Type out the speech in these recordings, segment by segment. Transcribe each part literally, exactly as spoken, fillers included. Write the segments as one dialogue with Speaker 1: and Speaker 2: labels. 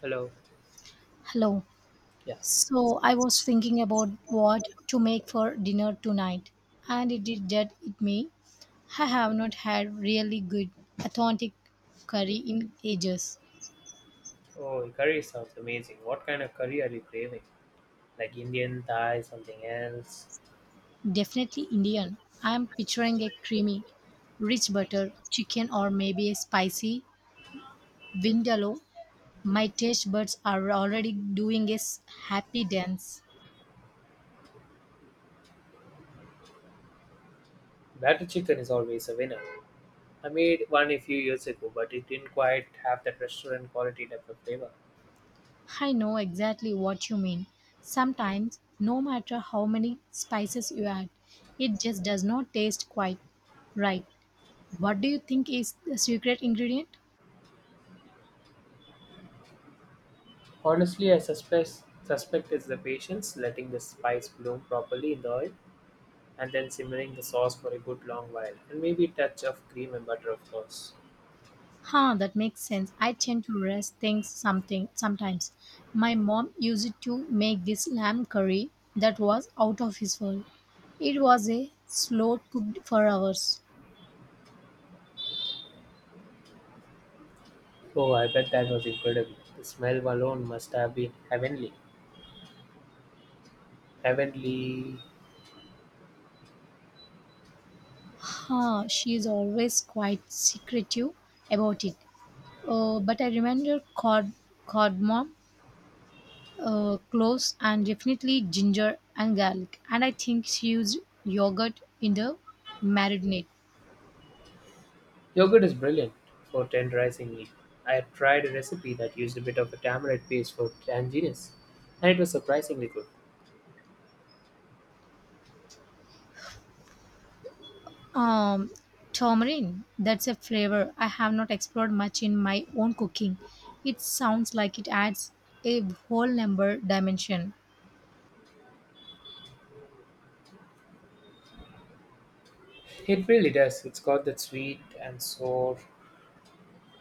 Speaker 1: Hello.
Speaker 2: Hello.
Speaker 1: Yeah.
Speaker 2: So I was thinking about what to make for dinner tonight, and it did that it me. I have not had really good authentic curry in ages.
Speaker 1: Oh, curry sounds amazing. What kind of curry are you craving? Like Indian, Thai, something else?
Speaker 2: Definitely Indian. I am picturing a creamy, rich butter chicken or maybe a spicy vindaloo. My taste buds are already doing a s- happy dance.
Speaker 1: Butter chicken is always a winner. I made one a few years ago, but it didn't quite have that restaurant quality type of flavor.
Speaker 2: I know exactly what you mean. Sometimes, no matter how many spices you add, it just does not taste quite right. What do you think is the secret ingredient?
Speaker 1: Honestly, I suspect suspect it's the patience, letting the spice bloom properly in the oil, and then simmering the sauce for a good long while, and maybe a touch of cream and butter, of course.
Speaker 2: Huh, that makes sense. I tend to rest things something sometimes. My mom used it to make this lamb curry that was out of his world. It was a slow cooked for hours.
Speaker 1: Oh, I bet that was incredible. The smell alone must have been heavenly. Heavenly.
Speaker 2: Huh, she is always quite secretive about it. Uh, but I remember card, cardamom, uh, cloves, and definitely ginger and garlic. And I think she used yogurt in the marinade.
Speaker 1: Yogurt is brilliant for tenderizing meat. I had tried a recipe that used a bit of a tamarind paste for tanginess, and it was surprisingly good.
Speaker 2: Um, Tamarind, that's a flavor I have not explored much in my own cooking. It sounds like it adds a whole number dimension.
Speaker 1: It really does. It's got that sweet and sour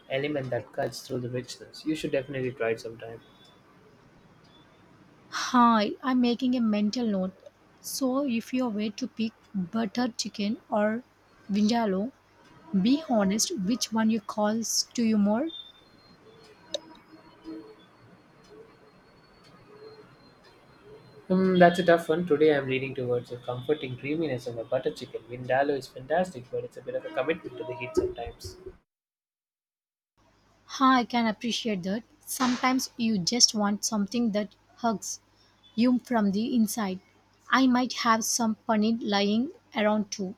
Speaker 1: element that cuts through the richness. You should definitely try it sometime.
Speaker 2: Hi, I'm making a mental note. So if you were to pick butter chicken or vindaloo, be honest, which one you calls to you more?
Speaker 1: Hmm, that's a tough one. Today I'm leaning towards a comforting creaminess of a butter chicken. Vindaloo is fantastic, but it's a bit of a commitment to the heat sometimes.
Speaker 2: Huh, I can appreciate that. Sometimes you just want something that hugs you from the inside. I might have some paneer lying around too.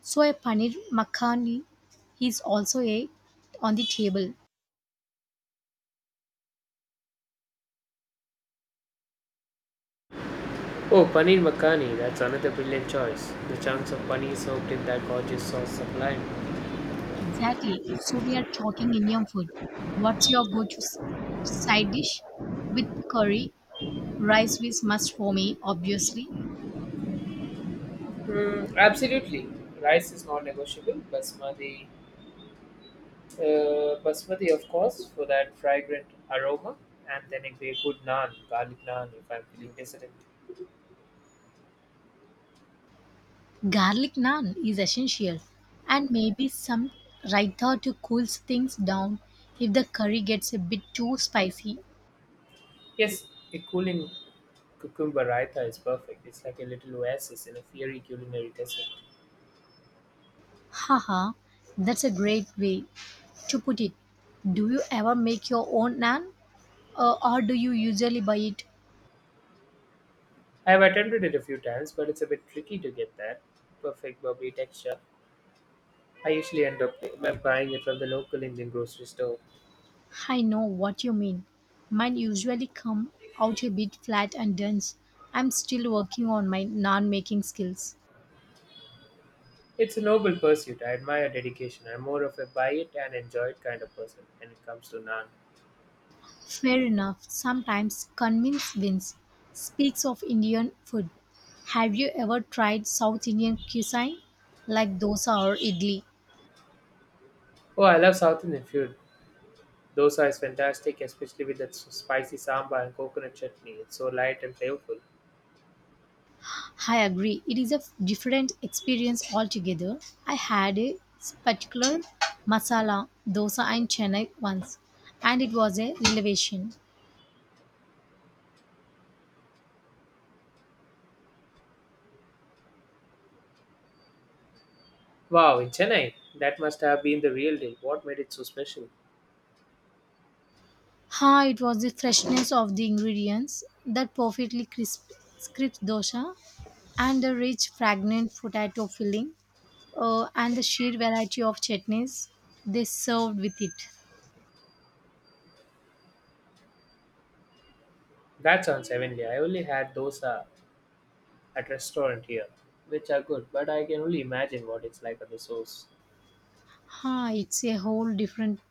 Speaker 2: So a paneer makhani is also a on the table.
Speaker 1: Oh, paneer makhani. That's another brilliant choice. The chunks of paneer soaked in that gorgeous sauce sublime.
Speaker 2: Exactly. So we are talking Indian food. What's your go-to s- side dish? With curry, rice is must for me, obviously.
Speaker 1: Mm, absolutely, rice is not negotiable. Basmati, uh, basmati, of course, for that fragrant aroma, and then a great good naan, garlic naan, if I'm feeling decadent.
Speaker 2: Garlic naan is essential, and maybe some raita to cool things down if the curry gets a bit too spicy.
Speaker 1: Yes, a cooling cucumber raita is perfect. It's like a little oasis in a fiery culinary desert.
Speaker 2: Haha, that's a great way to put it. Do you ever make your own naan, uh, or do you usually buy it?
Speaker 1: I've attempted it a few times, but it's a bit tricky to get that perfect bubbly texture. I usually end up by buying it from the local Indian grocery store.
Speaker 2: I know what you mean. Mine usually come out a bit flat and dense. I'm still working on my naan making skills.
Speaker 1: It's a noble pursuit. I admire dedication. I'm more of a buy it and enjoy it kind of person when it comes to naan.
Speaker 2: Fair enough, sometimes convince wins. Speaks of Indian food, have you ever tried South Indian cuisine like dosa or idli?
Speaker 1: Oh, I love South Indian food. Dosa is fantastic, especially with that s- spicy sambar and coconut chutney. It's so light and flavorful.
Speaker 2: I agree, it is a f- different experience altogether. I had a particular masala dosa in Chennai once and it was a revelation.
Speaker 1: Wow, in Chennai, that must have been the real deal. What made it so special?
Speaker 2: Ha, it was the freshness of the ingredients, that perfectly crisp, crisp dosa, and the rich, fragrant potato filling, uh, and the sheer variety of chutneys they served with it.
Speaker 1: That sounds heavenly. I only had dosa at restaurant here, which are good, but I can only imagine what it's like at the source.
Speaker 2: Ha, it's a whole different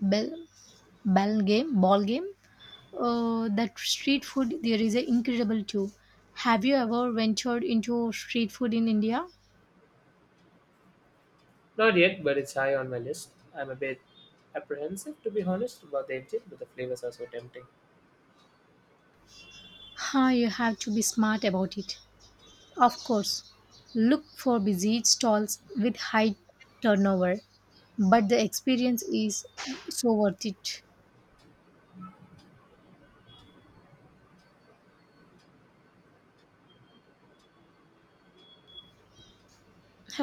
Speaker 2: bell, ball game. Ball game. Uh, that street food there is a incredible too. Have you ever ventured into street food in India?
Speaker 1: Not yet, but it's high on my list. I'm a bit apprehensive, to be honest, about the engine, but the flavors are so tempting.
Speaker 2: Ha, you have to be smart about it. Of course, look for busy stalls with high turnover, but the experience is so worth it.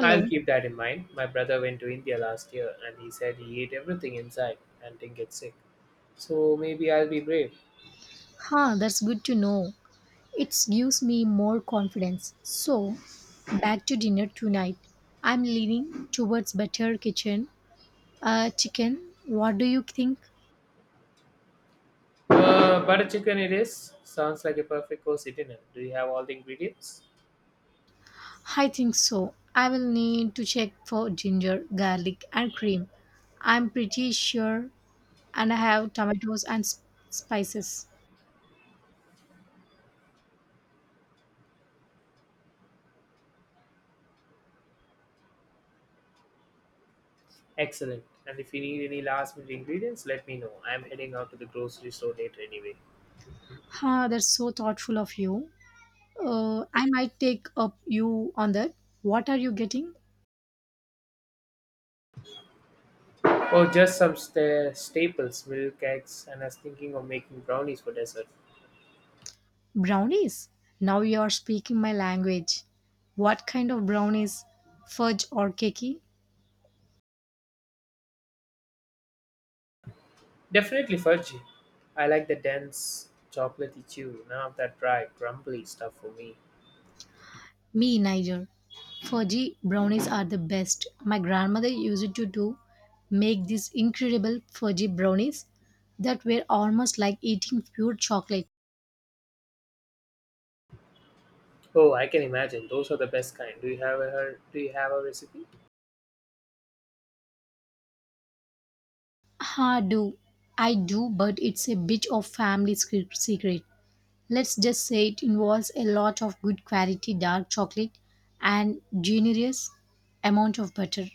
Speaker 1: I'll keep that in mind. My brother went to India last year and he said he ate everything inside and didn't get sick. So maybe I'll be brave.
Speaker 2: Huh, that's good to know. It gives me more confidence. So, back to dinner tonight. I'm leaning towards better kitchen. Uh, chicken, what do you think?
Speaker 1: Uh, butter chicken it is. Sounds like a perfect course dinner. Do you have all the ingredients?
Speaker 2: I think so. I will need to check for ginger, garlic, and cream. I'm pretty sure, and I have tomatoes and s- spices.
Speaker 1: Excellent. And if you need any last minute ingredients, let me know. I'm heading out to the grocery store later anyway.
Speaker 2: Huh, that's so thoughtful of you. Uh, I might take up you on that. What are you getting?
Speaker 1: Oh, just some sta- staples, milk, eggs, and I was thinking of making brownies for dessert.
Speaker 2: Brownies? Now you are speaking my language. What kind of brownies? Fudge or cakey?
Speaker 1: Definitely fudgy. I like the dense, chocolatey chew, none of that dry, crumbly stuff for me.
Speaker 2: Me neither. Fudgy brownies are the best. My grandmother used to do make these incredible fudgy brownies that were almost like eating pure chocolate.
Speaker 1: Oh, I can imagine. Those are the best kind. Do you have a her- do you have a recipe?
Speaker 2: Ha do. I do, but it's a bit of family secret. Let's just say it involves a lot of good quality dark chocolate and generous amount of butter.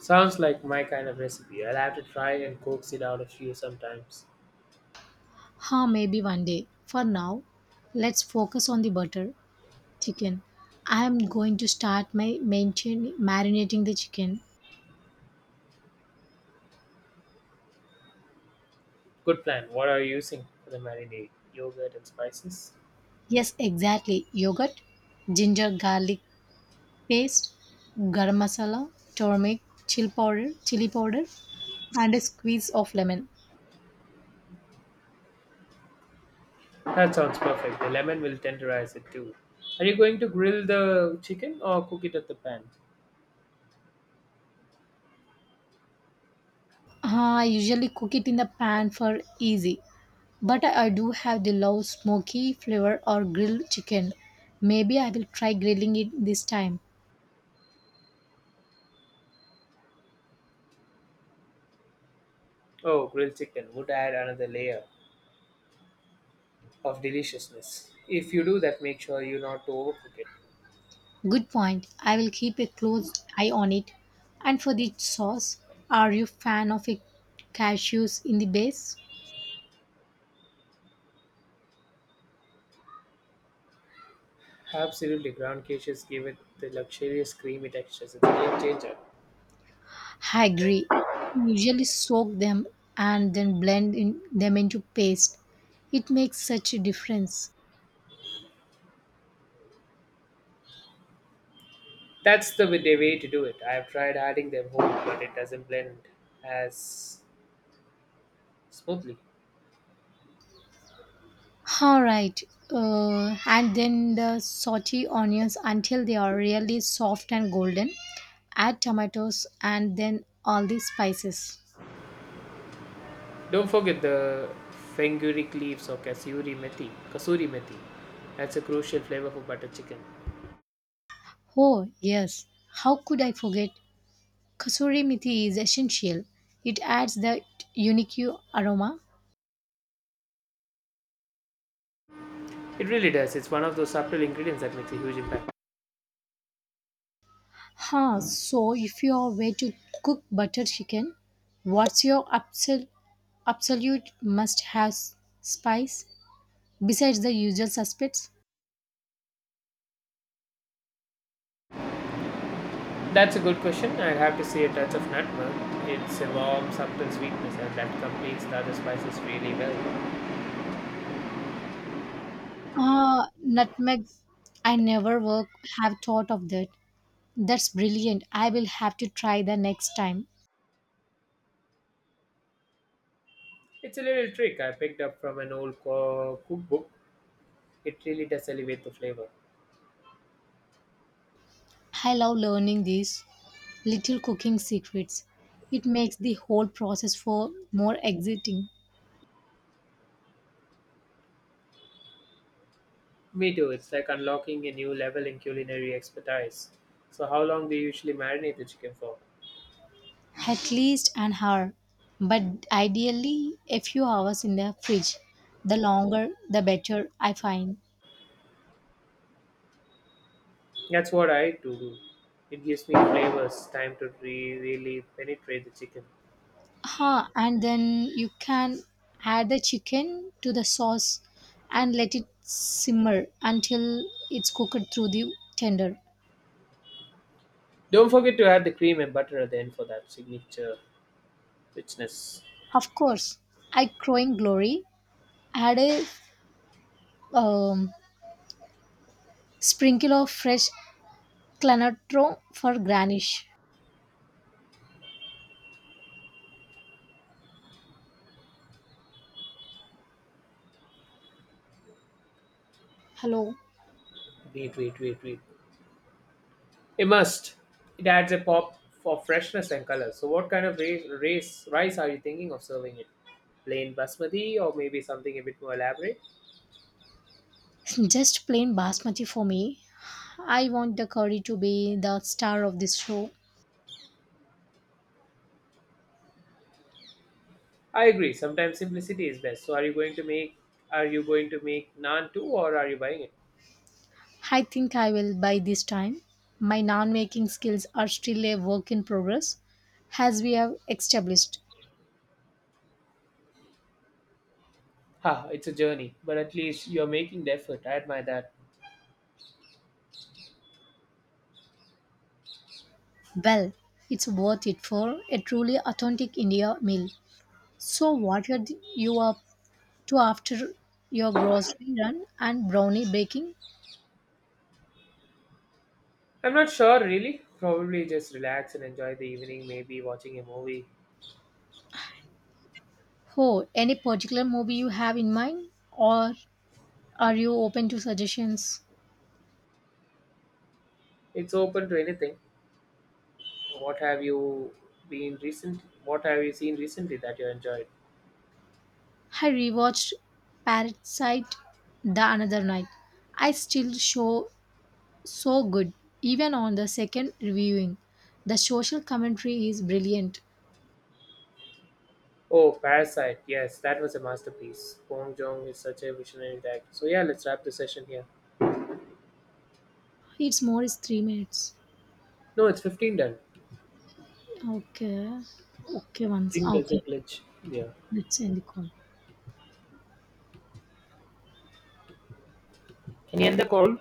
Speaker 1: Sounds like my kind of recipe. I'll have to try and coax it out of you sometimes.
Speaker 2: Huh, maybe one day. For now, let's focus on the butter chicken. I am going to start my maintain marinating the chicken.
Speaker 1: Good plan. What are you using for the marinade? Yogurt and spices?
Speaker 2: Yes, exactly. Yogurt, ginger garlic paste, garam masala, turmeric, chill powder, chili powder, and a squeeze of lemon.
Speaker 1: That sounds perfect. The lemon will tenderize it too. Are you going to grill the chicken or cook it at the pan?
Speaker 2: Uh, I usually cook it in the pan for easy, but I I do have the love smoky flavor or grilled chicken. Maybe I will try grilling it this time.
Speaker 1: Oh, grilled chicken would add another layer of deliciousness. If you do that, make sure you not to overcook it.
Speaker 2: Good point. I will keep a close eye on it. And for the sauce, are you fan of a cashews in the base?
Speaker 1: Absolutely, ground cages give it the luxurious creamy textures. It's a game changer.
Speaker 2: I agree. Usually soak them and then blend in them into paste. It makes such a difference.
Speaker 1: That's the way the way to do it. I have tried adding them whole, but it doesn't blend as smoothly.
Speaker 2: All right. Uh, and then the saute onions until they are really soft and golden. Add tomatoes and then all the spices.
Speaker 1: Don't forget the fenugreek leaves or kasuri methi. Kasuri methi. That's a crucial flavor for butter chicken.
Speaker 2: Oh, yes. How could I forget? Kasuri methi is essential. It adds that unique aroma.
Speaker 1: It really does. It's one of those subtle ingredients that makes a huge impact.
Speaker 2: Huh, so if you are way to cook butter chicken, what's your absolute absolute must have spice besides the usual suspects?
Speaker 1: That's a good question. I'd have to say a touch of nutmeg. It's a warm, subtle sweetness, and that completes the other spices really well.
Speaker 2: Ah, nutmeg. I never work have thought of that. That's brilliant. I will have to try the next time.
Speaker 1: It's a little trick I picked up from an old co- cookbook. It really does elevate the flavor.
Speaker 2: I love learning these little cooking secrets. It makes the whole process for more exciting.
Speaker 1: Me too. It's like unlocking a new level in culinary expertise. So, how long do you usually marinate the chicken for?
Speaker 2: At least an hour, but ideally a few hours in the fridge. The longer, the better. I find.
Speaker 1: That's what I do. It gives me flavors, time to re- really penetrate the chicken.
Speaker 2: Huh, and then you can add the chicken to the sauce and let it simmer until it's cooked through the tender.
Speaker 1: Don't forget to add the cream and butter at the end for that signature richness.
Speaker 2: Of course, I crowing glory. Add a um, sprinkle of fresh clanatro for garnish. Hello,
Speaker 1: Wait, wait, wait, wait. It must. It adds a pop for freshness and color. So, what kind of race, race rice are you thinking of serving it? Plain basmati or maybe something a bit more elaborate?
Speaker 2: just plain basmati for me. I want the curry to be the star of this show.
Speaker 1: I agree. Sometimes simplicity is best. So, are you going to make are you going to make naan too or are you buying it?
Speaker 2: I think I will by this time. My non making skills are still a work in progress, as we have established.
Speaker 1: Ha, it's a journey, but at least you're making the effort. I admire that.
Speaker 2: Well, it's worth it for a truly authentic India meal. So, what are the- you up to after your grocery run and brownie baking?
Speaker 1: I'm not sure really. Probably just relax and enjoy the evening, maybe watching a movie.
Speaker 2: Oh, any particular movie you have in mind, or are you open to suggestions?
Speaker 1: It's open to anything. What have you been recent what have you seen recently that you enjoyed?
Speaker 2: I rewatched Parasite the another night. I still show so good, even on the second reviewing. The social commentary is brilliant.
Speaker 1: Oh, Parasite. Yes, that was a masterpiece. Bong Joon is such a visionary director. So yeah, let's wrap the session here.
Speaker 2: It's more is three minutes.
Speaker 1: No, it's fifteen done.
Speaker 2: Okay. Okay,
Speaker 1: I
Speaker 2: once.
Speaker 1: think there's a
Speaker 2: Okay.
Speaker 1: glitch. Yeah.
Speaker 2: Let's end the call.
Speaker 1: Can you end the call?